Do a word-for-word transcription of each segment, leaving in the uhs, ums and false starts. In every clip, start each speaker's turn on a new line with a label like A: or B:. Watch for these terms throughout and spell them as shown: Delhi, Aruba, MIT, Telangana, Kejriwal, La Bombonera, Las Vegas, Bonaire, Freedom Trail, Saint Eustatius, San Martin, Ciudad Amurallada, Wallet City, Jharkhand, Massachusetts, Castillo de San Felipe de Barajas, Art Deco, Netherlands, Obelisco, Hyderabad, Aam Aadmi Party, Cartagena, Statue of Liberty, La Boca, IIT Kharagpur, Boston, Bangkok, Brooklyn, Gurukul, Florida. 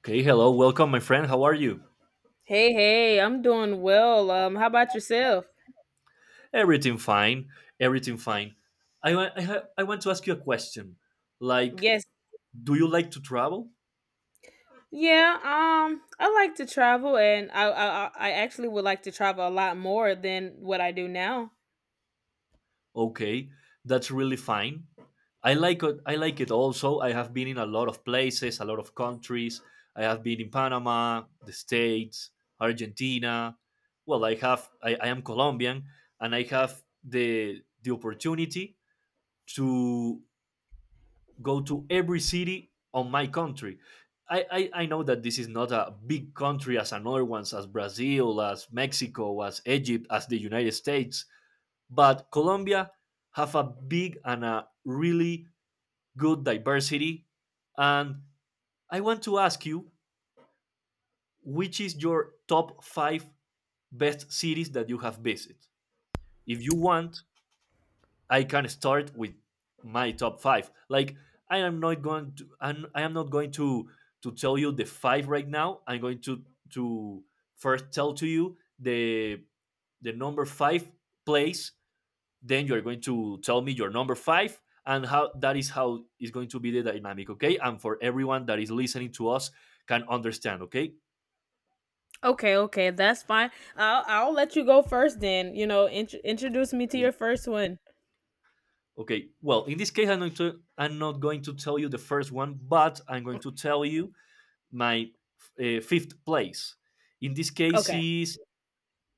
A: Okay, hello, welcome, my friend. How are you?
B: Hey, hey, I'm doing well. Um, how about yourself?
A: Everything fine, everything fine. I want I, ha- I want to ask you a question. Like,
B: Yes.
A: do you like to travel?
B: Yeah, um, I like to travel, and I I I I actually would like to travel a lot more than what I do now.
A: Okay, that's really fine. I like it. I like it also. I have been in a lot of places, a lot of countries. I have been in Panama, the States, Argentina. Well, I have. I, I am Colombian, and I have the the opportunity to go to every city on my country. I, I, I know that this is not a big country as another ones, as Brazil, as Mexico, as Egypt, as the United States, but Colombia have a big and a really good diversity. And I want to ask you, which is your top five best cities that you have visited? If you want, I can start with my top five. Like I am not going to I'm, I am not going to to tell you the five right now. I'm going to to first tell to you the the number five place. Then you are going to tell me your number five and how that is how is going to be the dynamic. Okay, and for everyone that is listening to us can understand. Okay.
B: Okay, okay, that's fine. I'll I'll let you go first then. You know, int- introduce me to
A: Okay.
B: your first one.
A: Okay, well, in this case, I'm not, to, I'm not going to tell you the first one, but I'm going to tell you my eh, fifth place. In this case
B: Okay.
A: is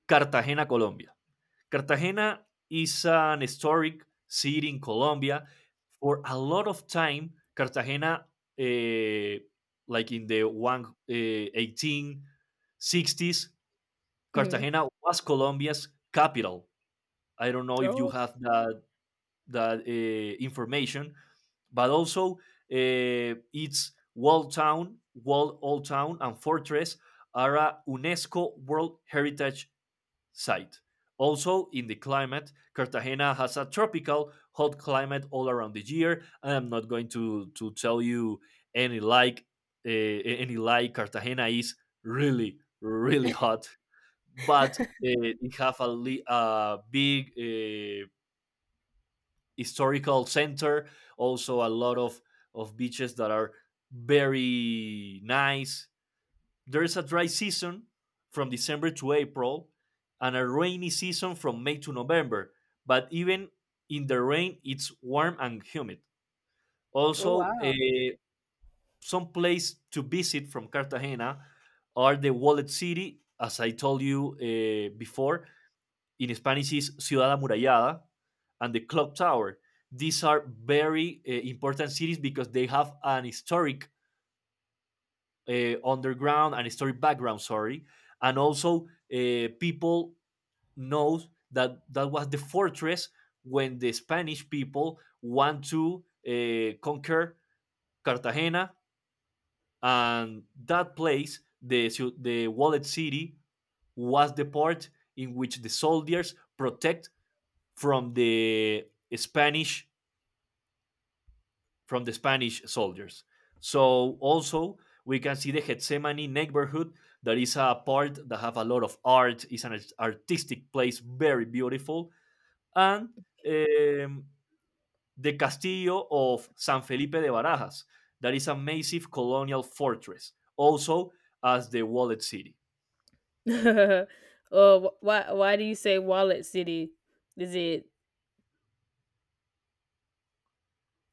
A: Cartagena, Colombia. Cartagena is an historic city in Colombia. For a lot of time, Cartagena, eh, like in the one, eh, eighteen sixties,
B: Mhm.
A: Cartagena was Colombia's capital. I don't know if you
B: Oh,
A: have that that uh, information, but also uh, its walled town, walled old town, and fortress are a UNESCO World Heritage Site. Also, in the climate, Cartagena has a tropical hot climate all around the year. And I'm not going to, to tell you any like uh, any lie. Cartagena is really really hot, but uh, it have a, li- a big uh, historical center. Also, a lot of of beaches that are very nice. There is a dry season from December to April, and a rainy season from May to November. But even in the rain, it's warm and humid.
B: oh
A: Also,
B: wow.
A: eh, some place to visit from Cartagena are the Wallet City, as I told you eh, before, in Spanish is Ciudad Amurallada, and the Clock Tower. These are very uh, important cities because they have an historic uh, underground, an historic background, sorry, and also uh, people know that that was the fortress when the Spanish people want to uh, conquer Cartagena, and that place, the the walled City, was the port in which the soldiers protect from the Spanish from the Spanish soldiers. So also we can see the Gethsemane neighborhood that is a part that have a lot of art. It's an artistic place, very beautiful, and um, the Castillo of San Felipe de Barajas, that is a massive colonial fortress, also as the Wallet City.
B: uh, wh- why why do you say Wallet City? Is it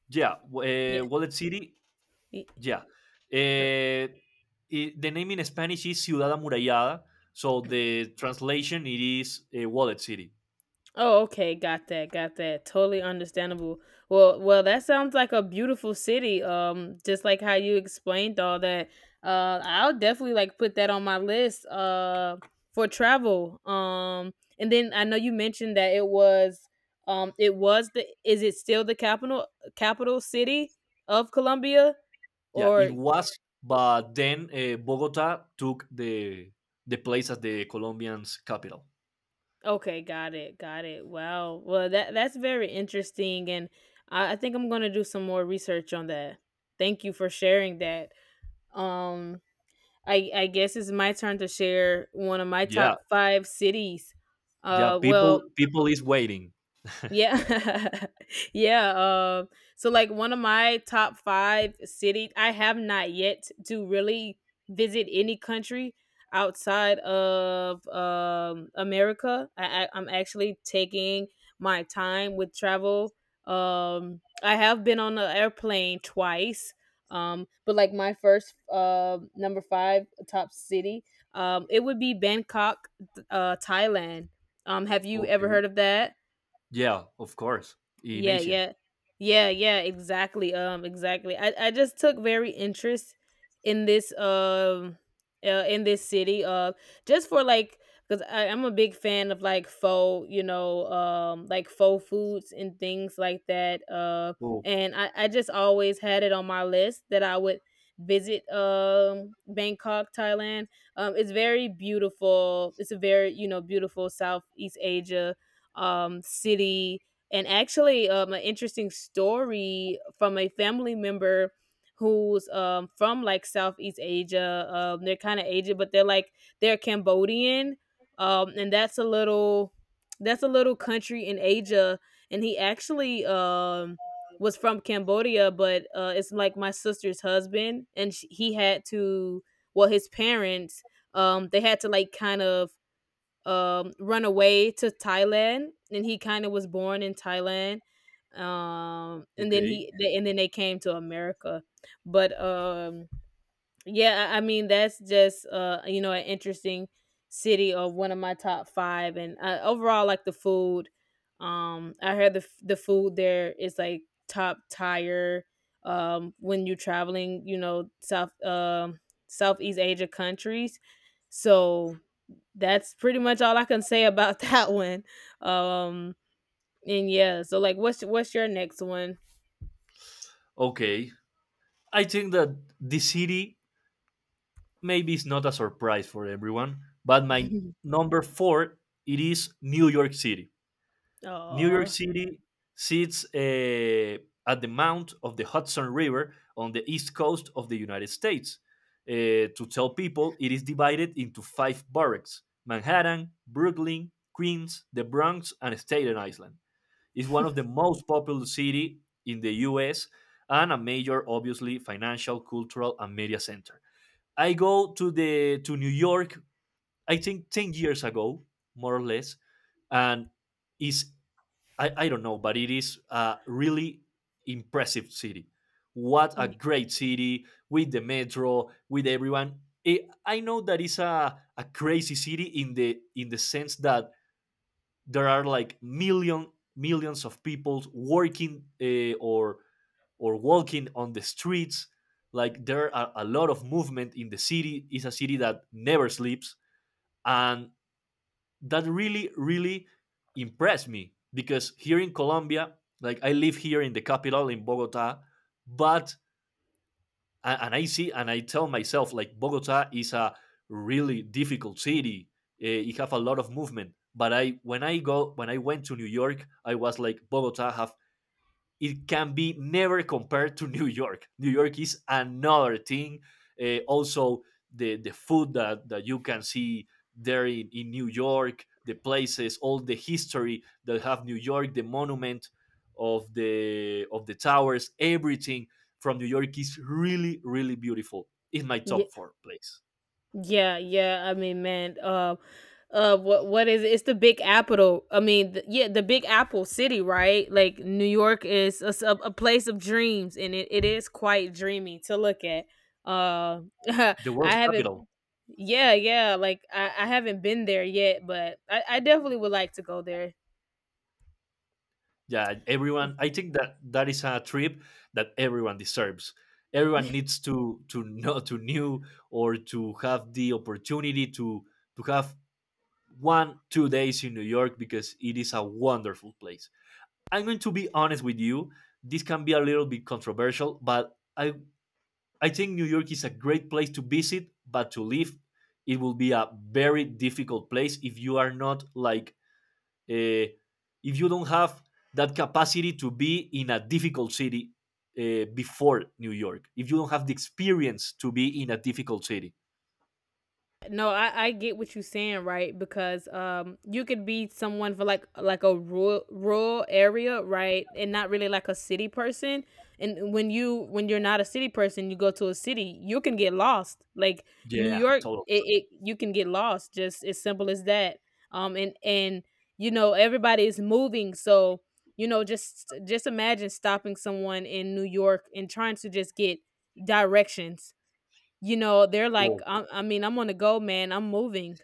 A: Yeah,
B: yeah.
A: uh, Wallet City.
B: y-
A: Yeah.
B: no.
A: Eh, i- the name in Spanish is Ciudad Amurallada. So the translation it is a Wallet City.
B: Oh, okay, got that, got that. Totally understandable. Well, well, that sounds like a beautiful city. Um, just like how you explained all that. Uh, I'll definitely like put that on my list. Uh, for travel. Um, and then I know you mentioned that it was, um, it was the. Is it still the capital capital city of Colombia,
A: Yeah, it
B: or?
A: was, but then uh, Bogota took the the place as the Colombian's capital.
B: Okay, got it, got it. Wow. Well, that that's very interesting, and I, I think I'm gonna do some more research on that. Thank you for sharing that. Um, I I guess it's my turn to share one of my
A: Yeah,
B: top five cities.
A: yeah.
B: Uh,
A: People
B: well,
A: people is waiting.
B: yeah. yeah. Um, so like one of my top five city, I have not yet to really visit any country outside of um America. I, I I'm actually taking my time with travel. Um, I have been on an airplane twice. Um, but like my first uh, number five top city, um, it would be Bangkok, th- uh, Thailand. Um, have you ever
A: Okay.
B: heard of that?
A: Yeah, of course. In
B: Yeah,
A: Asia.
B: yeah. Yeah, yeah, exactly. Um, exactly. I, I just took very interest in this um uh, in this city. Uh, just for like because I'm a big fan of like faux, you know, um like faux foods and things like that. Uh,
A: Oh,
B: and I, I just always had it on my list that I would visit um Bangkok, Thailand. Um, it's very beautiful. It's a very, you know, beautiful Southeast Asia um city. And actually um, an interesting story from a family member who's um, from like southeast asia um, they're kind of asian, but they're like they're cambodian um, and that's a little that's a little country in asia. And he actually um, was from cambodia, but uh, it's like my sister's husband, and sh he had to, well, his parents um, they had to like kind of um, run away to Thailand, and he kind of was born in Thailand, um, and then
A: okay.
B: he they, and then they came to America. But um, yeah, I, I mean that's just uh, you know, an interesting city of one of my top five, and uh, overall like the food. Um, I heard the f- the food there is like top tier. Um, when you're traveling, you know, South um Southeast Asia countries, so that's pretty much all I can say about that one. Um, and yeah, so like, what's what's your next one?
A: Okay. I think that the city maybe it's not a surprise for everyone, but my number four it is New York City. New York
B: Oh,
A: City sits uh, at the mouth of the Hudson River on the east coast of the United States. Uh, to tell people, it is divided into five boroughs: Manhattan, Brooklyn, Queens, the Bronx, and Staten Island. It's one of the most populous cities in the U S and a major, obviously, financial, cultural, and media center. I go to the to New York. I think ten years ago, more or less, and is I, I don't know, but it is a really impressive city. What a great city with the metro, with everyone. I I know that it's a, a crazy city in the in the sense that there are like million millions of people working uh, or or walking on the streets. Like there are a lot of movement in the city. It's a city that never sleeps, and that really, really impressed me because here in Colombia, like I live here in the capital in Bogota, but and I see and I tell myself like Bogota is a really difficult city. Uh, you have a lot of movement, but I when I go when I went to New York, I was like Bogota have it can be never compared to New York. New York is another thing. Uh, also, the, the food that, that you can see there in, in New York, the places, all the history that have New York, the monument of the of the towers, everything from New York is really, really beautiful. It's my
B: yeah,
A: top four place.
B: yeah, yeah. I mean, man, uh, uh, what what is it? It's the Big Apple. I mean, the, yeah, the Big Apple City, right? Like New York is a, s- a- a place of dreams, and it, it is quite dreamy to look at. Uh, I
A: The world's
B: haven't,
A: capital.
B: yeah, yeah. Like I, I haven't been there yet, but I, I definitely would like to go there.
A: Yeah, everyone, I think that that is a trip that everyone deserves, everyone needs to to know to new or to have the opportunity to to have one two days in New York because it is a wonderful place. I'm going to be honest with you, this can be a little bit controversial, but i i think New York is a great place to visit, but to live it will be a very difficult place if you are not like uh, if you don't have that capacity to be in a difficult city, uh, before New York, if you don't have the experience to be in a difficult city,
B: No, I, I get what you're saying, right? Because um, you could be someone for like like a rural rural area, right, and not really like a city person. And when you when you're not a city person, you go to a city, you can get lost. Like New
A: yeah,
B: York,
A: totally.
B: it, it you can get lost. Just as simple as that. Um, and and you know everybody is moving, so you know just just imagine stopping someone in New York and trying to just get directions. You know, they're like,
A: Well,
B: I, I mean, I'm on the go, man. I'm moving.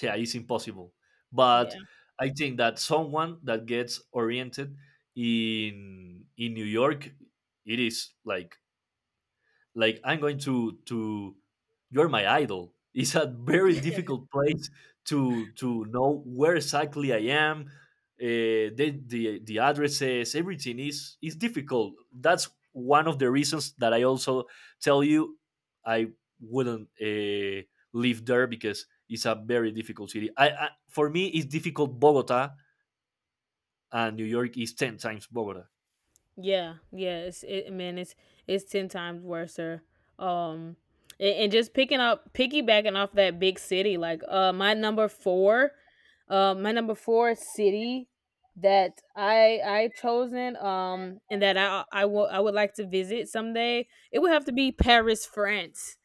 A: yeah, it's impossible. But
B: Yeah,
A: I think that someone that gets oriented in in New York, it is like like I'm going to to you're my idol. It's a very difficult place to to know where exactly I am. Uh, the, the the addresses, everything is is difficult. That's one of the reasons that I also tell you I wouldn't uh, live there because it's a very difficult city. I, I for me it's difficult Bogota, and New York is ten times Bogota.
B: yeah, yeah. It's it, man. It's it's ten times worse. Um, and, and just picking up, piggybacking off that big city. Like, uh, my number four, uh, my number four city that I I chosen, um, and that I I will I would like to visit someday. It would have to be Paris, France,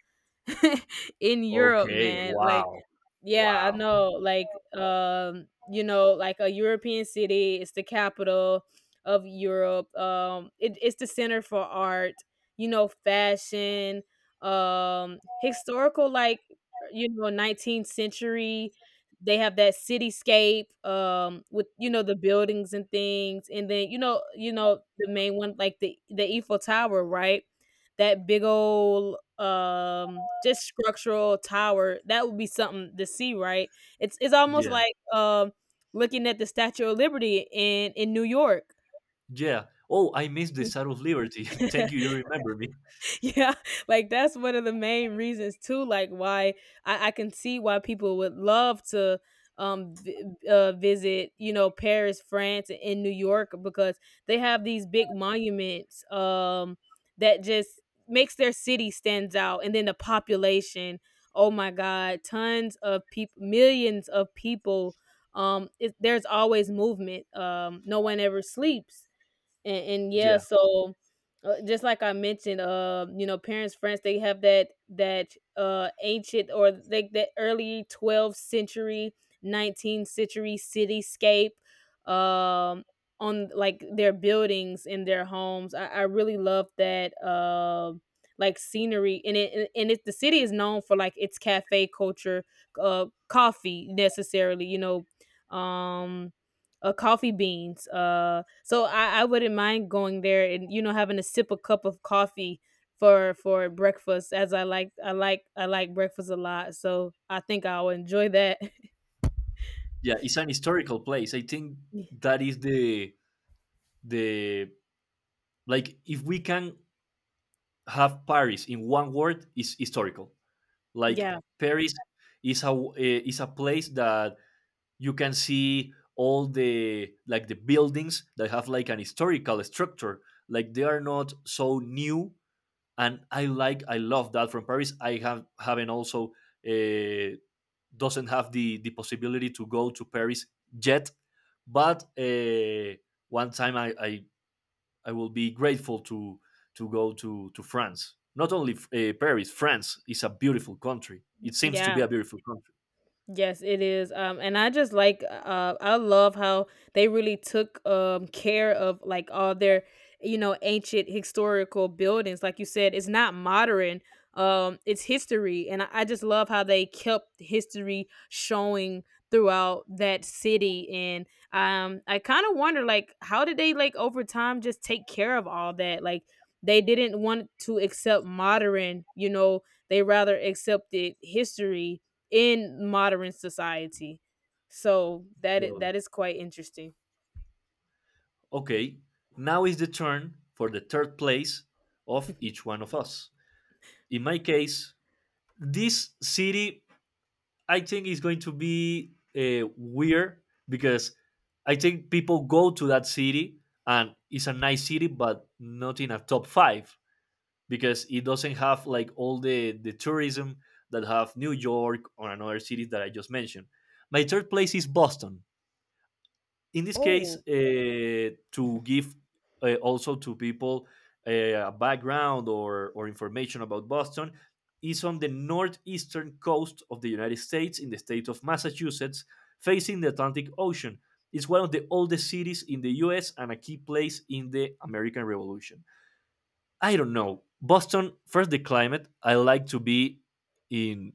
B: in Europe,
A: Okay.
B: man. Like
A: Wow.
B: yeah, I
A: Wow.
B: know. Like, um, you know, like a European city, it's the capital of Europe. Um, it, it's the center for art, you know, fashion, um, historical, like, you know, nineteenth century. They have that cityscape, um, with you know the buildings and things, and then you know, you know the main one like the the Eiffel Tower, right? That big old um, just structural tower, that would be something to see, right? It's it's almost
A: Yeah.
B: like, um, looking at the Statue of Liberty in in New York.
A: Yeah. Oh, I missed the Statue of Liberty. Thank you. You remember me.
B: yeah, like that's one of the main reasons too. Like why I, I can see why people would love to um vi- uh, visit, you know, Paris, France, and in New York because they have these big monuments um that just makes their city stands out, and then the population. Oh my God, tons of people, millions of people. Um, it, there's always movement. Um, no one ever sleeps, and, and yeah,
A: Yeah.
B: so uh, just like I mentioned uh you know parents france, they have that that uh ancient or like that early twelfth century nineteenth century cityscape um on like their buildings in their homes. i, I really love that um like scenery, and it and and it the city is known for like its cafe culture, uh coffee necessarily, you know, um uh, coffee beans. Uh, so I, I wouldn't mind going there and you know having a sip, a cup of coffee for for breakfast, as I like I like I like breakfast a lot. So I think I'll enjoy that.
A: Yeah. It's an historical place. I think that is the the like if we can have Paris in one word, is historical. Like
B: yeah,
A: Paris is a uh, is a place that you can see all the like the buildings that have like an historical structure. Like they are not so new, and I like I love that from Paris. I have Haven't also uh, doesn't have the the possibility to go to Paris yet, but uh, one time, I, I I will be grateful to to go to to France. Not only uh, Paris, France is a beautiful country. It seems to be
B: yeah.
A: a beautiful country.
B: Yes, it is. Um, and I just like uh, I love how they really took um care of like all their you know ancient historical buildings. Like you said, it's not modern. Um, it's history, and I, I just love how they kept history showing throughout that city. And um, I kind of wonder like how did they like over time just take care of all that? Like they didn't want to accept modern, you know, they rather accepted history in modern society. So that
A: Totally.
B: that is quite interesting.
A: Okay, now is the turn for the third place of each one of us. In my case, this city I think it's going to be uh, weird because I think people go to that city and it's a nice city, but not in a top five because it doesn't have like all the the tourism that have New York or another cities that I just mentioned. My third place is Boston. In this case,
B: Oh,
A: uh, to give uh, also to people uh, a background or, or information about Boston, is on the northeastern coast of the United States in the state of Massachusetts, facing the Atlantic Ocean. It's one of the oldest cities in the US and a key place in the American Revolution. I don't know. Boston, first the climate. I like to be in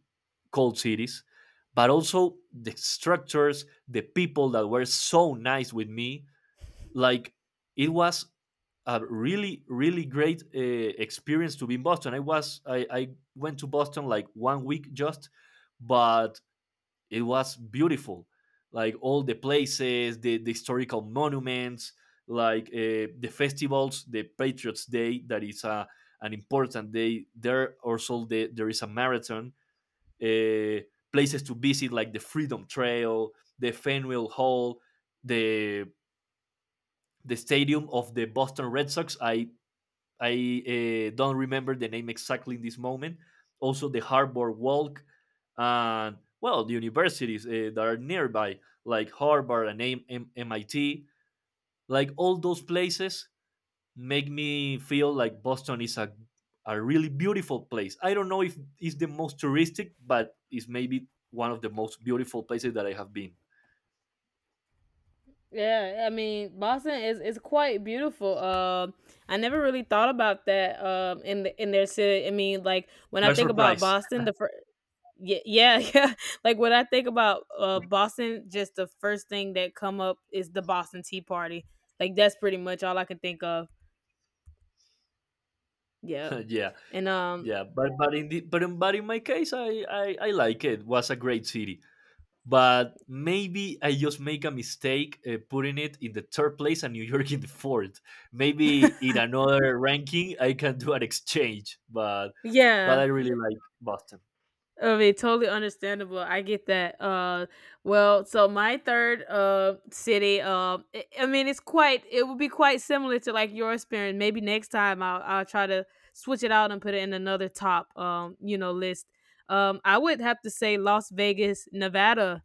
A: cold cities, but also the structures, the people that were so nice with me. Like it was a really, really great uh, experience to be in Boston. I was I, I went to Boston like one week just, but it was beautiful, like all the places, the, the historical monuments, like uh, the festivals, the Patriots Day that is a, an important day there, also the, there is a marathon, uh, places to visit like the Freedom Trail, the Fenway Hall, the the stadium of the Boston Red Sox. I I uh, don't remember the name exactly in this moment. Also, the Harbor Walk, and well, the universities uh, that are nearby, like Harvard and M- MIT, like all those places make me feel like Boston is a a really beautiful place. I don't know if it's the most touristic, but it's maybe one of the most beautiful places that I have been.
B: yeah. I mean, Boston is is quite beautiful. Um, I never really thought about that. Um, in the, in their city. I mean, like when I
A: You're
B: think about
A: surprised,
B: Boston, the first. Yeah, yeah, yeah. Like when I think about uh Boston, just the first thing that come up is the Boston Tea Party. Like that's pretty much all I can think of. Yep.
A: yeah.
B: And um
A: Yeah, but but in the, but in, but in my case, I, I I like it. It was a great city, but maybe I just make a mistake uh, putting it in the third place and New York in the fourth. Maybe in another ranking, I can do an exchange. But but
B: yeah.
A: I really like Boston.
B: Okay, totally understandable. I get that. Uh, well, so my third uh city, uh, I I mean, it's quite. It would be quite similar to like your experience. Maybe next time I'll I'll try to switch it out and put it in another top um you know list. Um, I would have to say Las Vegas, Nevada.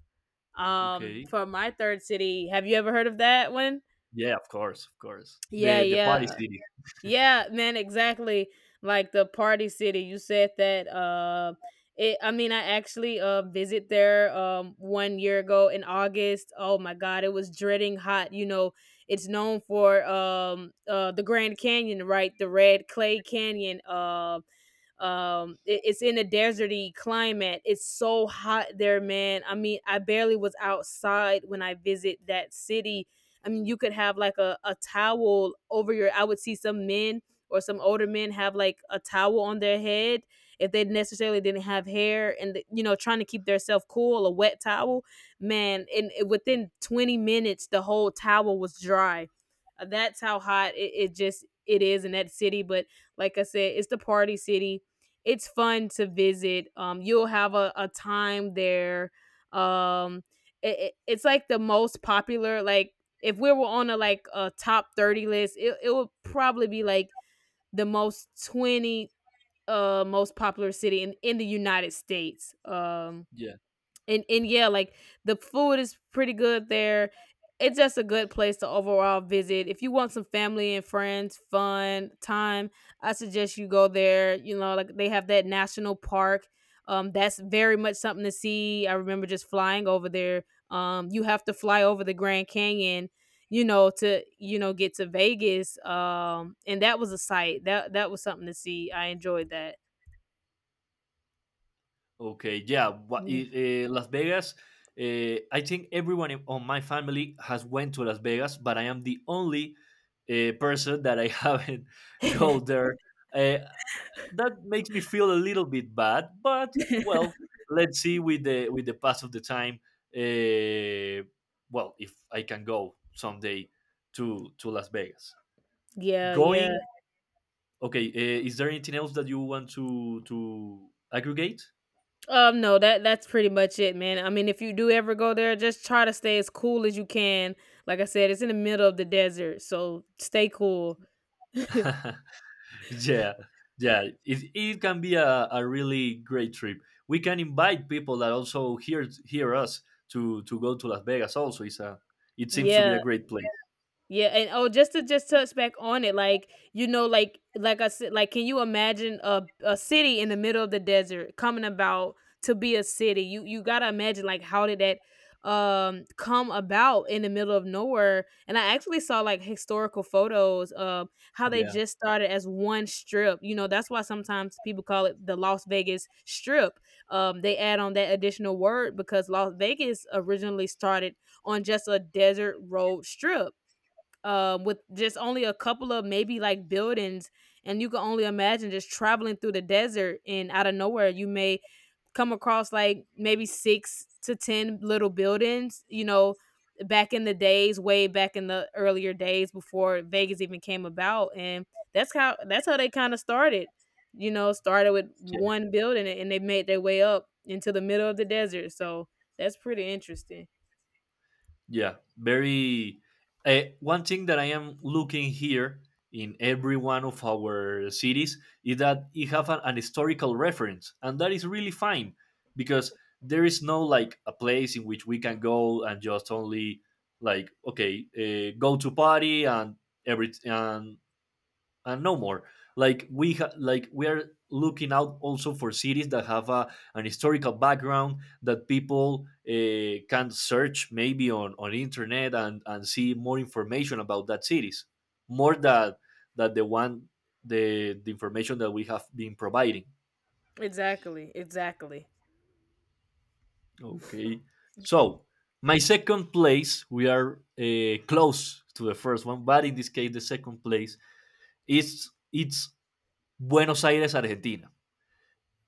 B: Um,
A: Okay.
B: for my third city. Have you ever heard of that one?
A: Yeah, of course, of course.
B: Yeah,
A: The the party
B: yeah.
A: city.
B: Yeah, man, exactly. Like the Party City, you said that. Uh, it. I mean, I actually uh visit there um one year ago in August. Oh my God, it was dreading hot. You know, it's known for um uh the Grand Canyon, right? The Red Clay Canyon. Um. um it- it's in a deserty climate. It's so hot there, man. I mean, I barely was outside when I visit that city. I mean, you could have like a, a towel over your. I would see some men or some older men have like a towel on their head if they necessarily didn't have hair, and you know trying to keep themselves cool a wet towel, man, and within twenty minutes the whole towel was dry. Uh, that's how hot it, it just it is in that city. But like I said, it's the party city. It's fun to visit. Um, you'll have a, a time there. Um, it, it- it's like the most popular, like if we were on a like a top thirty list, it, it would probably be like the most twenty uh most popular city in, in the United States. Um,
A: Yeah.
B: and and yeah, like the food is pretty good there. It's just a good place to overall visit. If you want some family and friends, fun time, I suggest you go there. You know, like they have that national park. Um, that's very much something to see. I remember just flying over there. Um, you have to fly over the Grand Canyon, you know, to you know get to Vegas. Um, and that was a sight. That that was something to see. I enjoyed that.
A: Okay, yeah, but
B: Mm.
A: it, uh, Las Vegas. Uh, I think everyone in, on my family has went to Las Vegas, but I am the only uh, person that I haven't go there. Uh, that makes me feel a little bit bad, but well, let's see with the with the pass of the time. Uh, well, if I can go someday to to Las Vegas,
B: yeah,
A: going.
B: yeah.
A: Okay, uh, is there anything else that you want to to aggregate?
B: Um, no, that that's pretty much it, man. I mean, if you do ever go there, just try to stay as cool as you can. Like I said, it's in the middle of the desert, so stay cool.
A: yeah, yeah, it, it can be a, a really great trip. We can invite people that also hear hear us to to go to Las Vegas also. It's a, it seems to be
B: Yeah.
A: a great place.
B: Yeah, and oh, just to just touch back on it, like you know, like like I said, like can you imagine a a city in the middle of the desert coming about to be a city? You you gotta imagine like how did that um come about in the middle of nowhere? And I actually saw like historical photos of how they
A: Yeah,
B: just started as one strip. You know, that's why sometimes people call it the Las Vegas Strip. Um, they add on that additional word because Las Vegas originally started on just a desert road strip um, with just only a couple of maybe like buildings. And you can only imagine just traveling through the desert and out of nowhere, you may come across like maybe six to ten little buildings, you know, back in the days, way back in the earlier days before Vegas even came about. And that's how, that's how they kind of started, you know, started with
A: yeah.
B: one building and they made their way up into the middle of the desert. So that's pretty interesting.
A: Yeah, very. Uh, one thing that I am looking here in every one of our cities is that it have an, an historical reference, and that is really fine because there is no like a place in which we can go and just only like okay, uh, go to party and every and and no more. Like we ha- like we are looking out also for cities that have a, an historical background that people uh, can search maybe on on internet and and see more information about that cities, more that that the one the the information that we have been providing.
B: Exactly. Exactly.
A: Okay, so my second place we are uh, close to the first one, but in this case the second place is it's Buenos Aires, Argentina.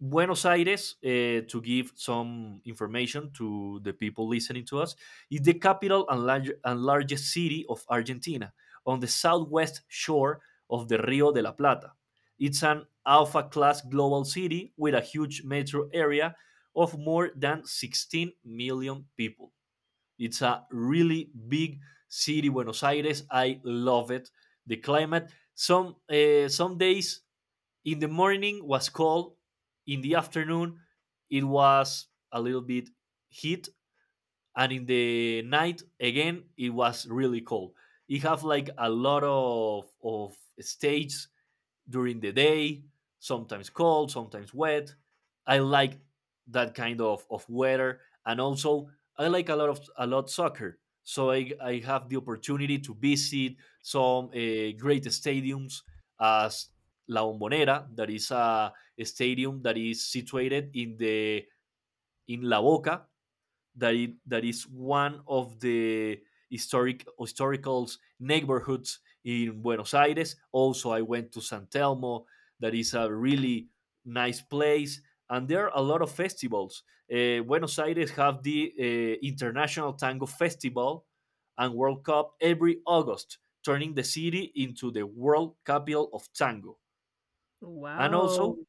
A: Buenos Aires, uh, to give some information to the people listening to us, is the capital and, large, and largest city of Argentina on the southwest shore of the Rio de la Plata. It's an alpha class global city with a huge metro area of more than sixteen million people. It's a really big city, Buenos Aires. I love it. The climate. Some uh, some days in the morning was cold, in the afternoon it was a little bit heat, and in the night again it was really cold. It have like a lot of of stages during the day, sometimes cold, sometimes wet. I like that kind of, of weather. And also I like a lot of a lot soccer. So I, I have the opportunity to visit some uh, great stadiums as La Bombonera, that is a, a stadium that is situated in the in La Boca, that it, that is one of the historic historical neighborhoods in Buenos Aires. Also, I went to San Telmo. That is a really nice place, and there are a lot of festivals. Uh, Buenos Aires have the uh, International Tango Festival and World Cup every August, turning the city into the world capital of tango. And
B: Wow.
A: also,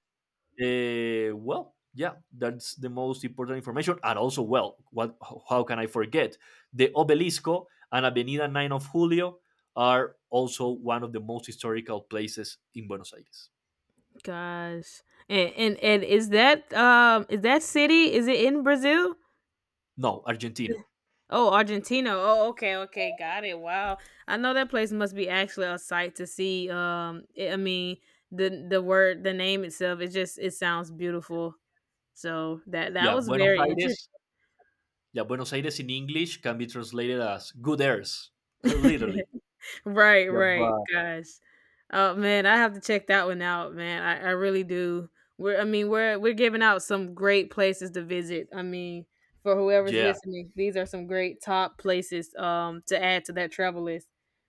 A: uh, well, yeah, that's the most important information. And also, well, what? How can I forget? The Obelisco and Avenida nine of Julio are also one of the most historical places in Buenos Aires.
B: Gosh. And and and is that um is that city is it in Brazil?
A: No, Argentina.
B: Oh, Argentina. Oh, okay, okay, got it. Wow. I know that place must be actually a sight to see. Um it, I mean, the the word the name itself it just it sounds beautiful. So that that
A: Yeah,
B: was
A: Buenos
B: very
A: Aires. Yeah, Buenos Aires in English can be translated as good airs,
B: interesting.
A: literally.
B: Right,
A: Yeah,
B: right,
A: but
B: guys. Oh man, I have to check that one out, man. I, I really do. We're I mean, we're we're giving out some great places to visit. I mean, for whoever's
A: yeah,
B: listening, these are some great top places um to add to that travel list.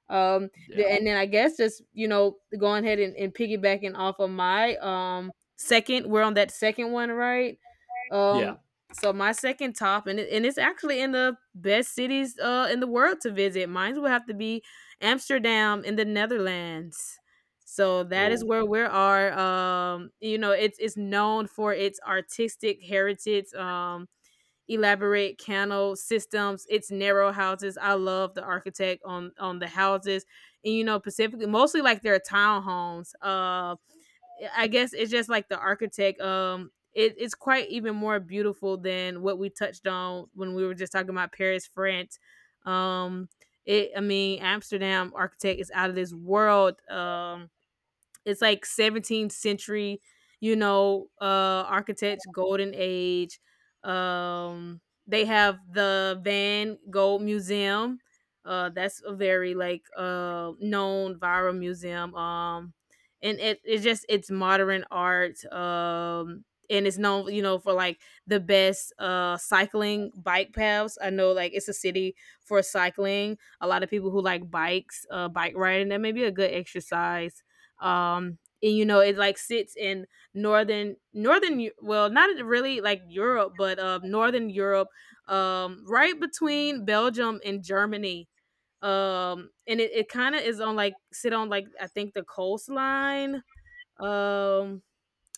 B: Um
A: yeah,
B: the, and then I guess just, you know, going ahead and, and piggybacking off of my um second, we're on that second one, right? Um
A: yeah.
B: so my second top and it, and it's actually in the best cities uh in the world to visit. Mine would have to be Amsterdam in the Netherlands. So that is
A: Oh,
B: where we are. Um, you know, it's it's known for its artistic heritage, um, elaborate canal systems, its narrow houses. I love the architect on on the houses, and you know, specifically mostly like their townhomes. Um, I guess it's just like the architect. Um, it, it's quite even more beautiful than what we touched on when we were just talking about Paris, France. Um, it, I mean, Amsterdam architect is out of this world. Um, it's like seventeenth century, you know, uh architects golden age. Um they have the Van Gogh Museum. Uh that's a very like uh known viral museum. Um and it it's just it's modern art. Um and it's known, you know, for like the best uh cycling bike paths. I know like it's a city for cycling a lot of people who like bikes, uh, bike riding. That may be a good exercise um and you know it like sits in northern northern well not really like Europe but uh northern Europe, um right between Belgium and Germany. Um and it, it kind of is on like sit on like I think the coastline um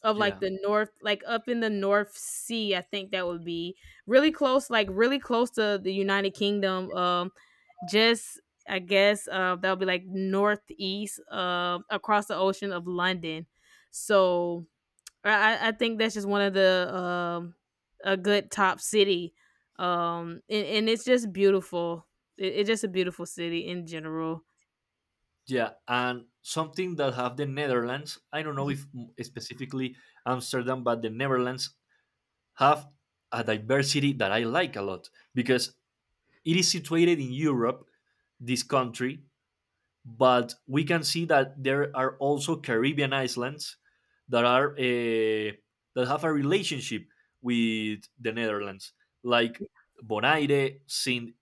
B: of like
A: yeah.
B: the north, like up in the North Sea, I think that would be really close, like really close to the United Kingdom. Um just i guess uh that would be like northeast uh across the ocean of London. So i i I think that's just one of the um a good top city um and, and it's just beautiful, it, it's just a beautiful city in general.
A: Yeah, and something that have the Netherlands. I don't know if m- specifically Amsterdam, but the Netherlands have a diversity that I like a lot because it is situated in Europe. This country but we can see that there are also Caribbean islands that are uh, that have a relationship with the Netherlands, like Bonaire, Saint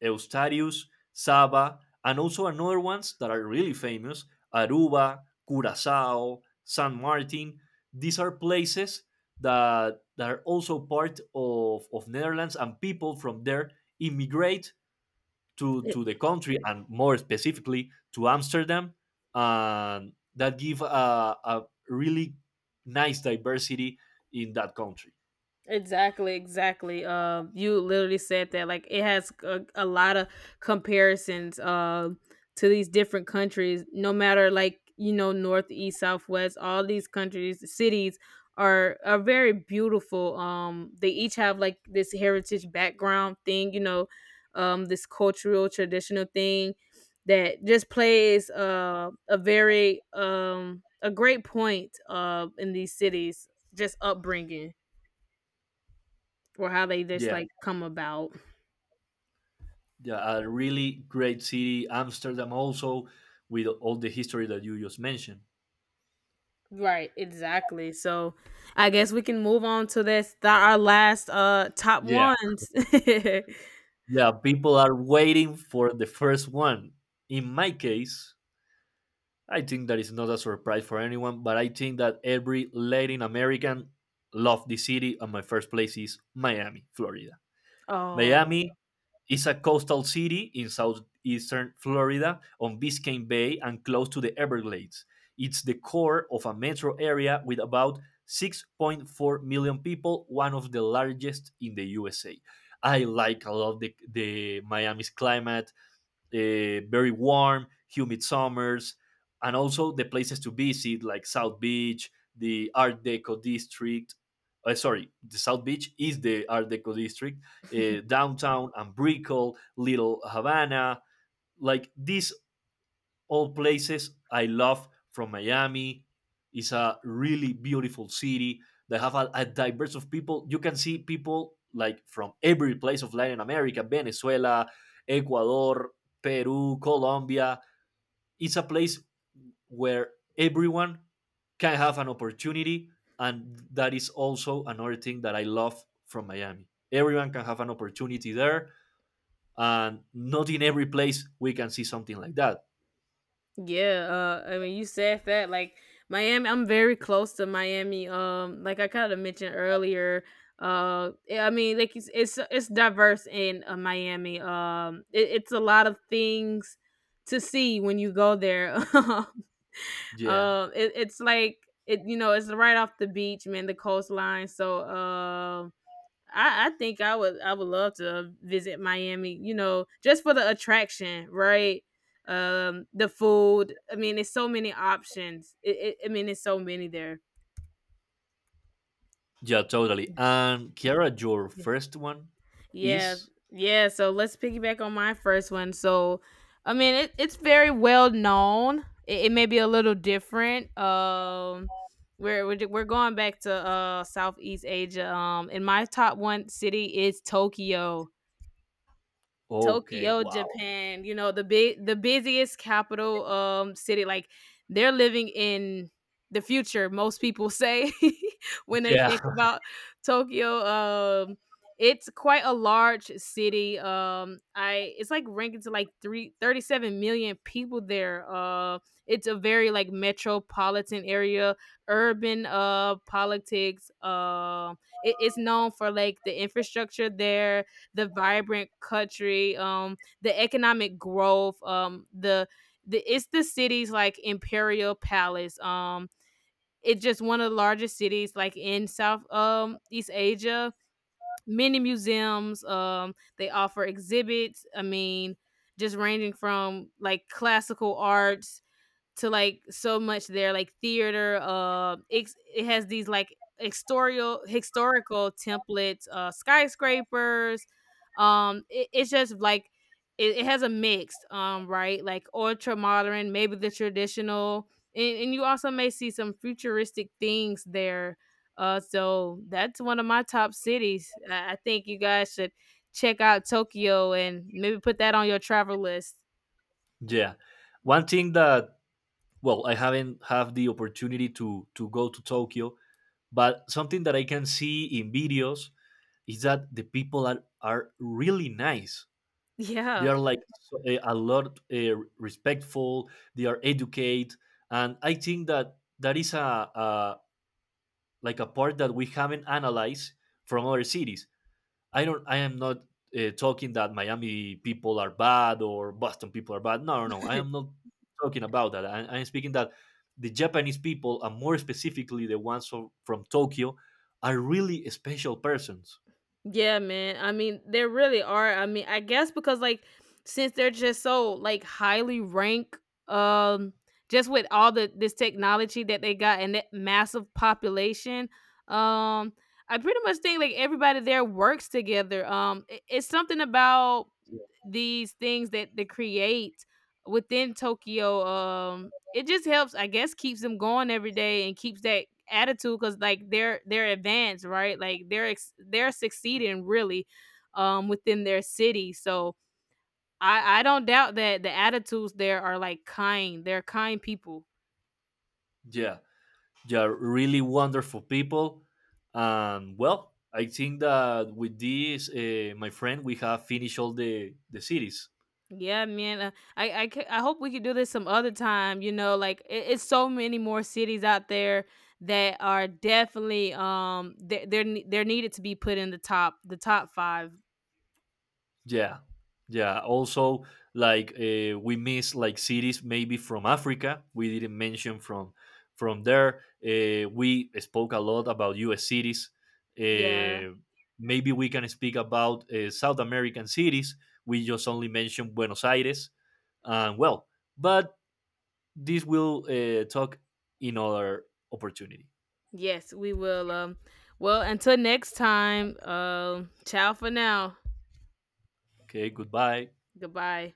A: Eustatius, Saba, and also another ones that are really famous: Aruba, Curacao, San Martin. These are places that, that are also part of, of Netherlands, and people from there immigrate to to the country and more specifically to Amsterdam, and that give a, a really nice diversity in that country.
B: Exactly, exactly. Um, you literally said that like it has a, a lot of comparisons um to these different countries. No matter like you know north, east, southwest, all these countries, cities are are very beautiful. Um, they each have like this heritage background thing. You know, um, this cultural traditional thing that just plays uh a very um a great point uh in these cities. Just upbringing or how they just
A: Yeah,
B: like come about.
A: yeah, a really great city, Amsterdam also with all the history that you just mentioned.
B: Right, exactly. So I guess we can move on to this th- our last uh top
A: Yeah.
B: ones.
A: Yeah, people are waiting for the first one. In my case, I think that is not a surprise for anyone, but I think that every Latin American love the city, and my first place is Miami, Florida.
B: Oh
A: Miami It's a coastal city in southeastern Florida on Biscayne Bay and close to the Everglades. It's the core of a metro area with about six point four million people, one of the largest in the U S A. I like a lot the, the Miami's climate, uh, very warm, humid summers, and also the places to visit like South Beach, the Art Deco district. Uh, sorry, the South Beach is the Art Deco district, uh, downtown and Little Havana. Like these all places I love from Miami. It's a really beautiful city. They have a, a diverse of people. You can see people like from every place of Latin America, Venezuela, Ecuador, Peru, Colombia. It's a place where everyone can have an opportunity. And that is also another thing that I love from Miami. Everyone can have an opportunity there. And not in every place we can see something like that.
B: yeah, uh I mean you said that like Miami, I'm very close to Miami. Um, like I kinda mentioned earlier. Uh, yeah, I mean, like it's it's, it's diverse in uh, Miami. Um, it, it's a lot of things to see when you go there.
A: Yeah.
B: Um, it, it's like it, you know, it's right off the beach, man, the coastline. So, um, I, I think I would, I would love to visit Miami. You know, just for the attraction, right? Um, the food. I mean, it's so many options. It, it, I mean, it's so many there.
A: Yeah, totally.
B: Yeah.
A: And Kiara, your first one
B: Yeah,
A: is
B: yeah. So let's piggyback on my first one. So, I mean, it, it's very well known. It, it may be a little different. Um, we're we're, we're going back to uh Southeast Asia. Um, and my top one city is Tokyo.
A: okay.
B: Tokyo,
A: Wow.
B: Japan, you know, the big the busiest capital um city like they're living in the future, most people say, when they
A: Yeah,
B: think about Tokyo. Um it's quite a large city. Um I it's like ranking to like three, thirty-seven million people there. Uh it's a very like metropolitan area, urban uh politics. Um it, it's known for like the infrastructure there, the vibrant country, um, the economic growth, um, the the it's the city's like imperial palace. Um, it's just one of the largest cities like in South um East Asia. Many museums. Um, they offer exhibits. I mean, just ranging from like classical arts to like so much there like theater. Uh it, it has these like historical historical templates, uh skyscrapers. Um it, it's just like, it, it has a mix, um right, like ultra modern, maybe the traditional, and, and you also may see some futuristic things there. Uh so that's one of my top cities. I, I think you guys should check out Tokyo and maybe put that on your travel list.
A: yeah. One thing that well, I haven't have the opportunity to to go to Tokyo, but something that I can see in videos is that the people are are really nice. They
B: Yeah.
A: are like so- eh, a lot uh, respectful. They are educate, and I think that that is a, a like a part that we haven't analyzed from other cities I don't. I am not uh, talking that Miami people are bad or Boston people are bad. No, no, no. I am not talking about that. I, I am speaking that the Japanese people, and more specifically the ones from, from Tokyo, are really special persons.
B: Yeah, man. I mean, there really are. I mean, I guess because like since they're just so like highly ranked, um, just with all the this technology that they got and that massive population, um, I pretty much think like everybody there works together. Um, i- it's something about these things that they create within Tokyo. Um, it just helps, I guess, keeps them going every day and keeps that attitude because like they're they're advanced, right? Like they're ex- they're succeeding really, um, within their city. So I I don't doubt that the attitudes there are like kind. They're kind people.
A: Yeah, they are really wonderful people. And well, I think that with this, uh, my friend, we have finished all the the series.
B: Yeah, man. Uh, I I ca- I hope we could do this some other time. You know, like it, it's so many more cities out there that are definitely um they, they're ne- they're needed to be put in the top the top five.
A: Yeah, yeah. Also, like uh, we miss like cities maybe from Africa. We didn't mention from from there. Uh, we spoke a lot about U S cities.
B: Yeah.
A: Uh, maybe we can speak about uh, South American cities. We just only mentioned Buenos Aires. Um, well, but this will uh, talk in other opportunity.
B: Yes, we will. Um, well, until next time, um, ciao for now.
A: Okay. Goodbye.
B: Goodbye.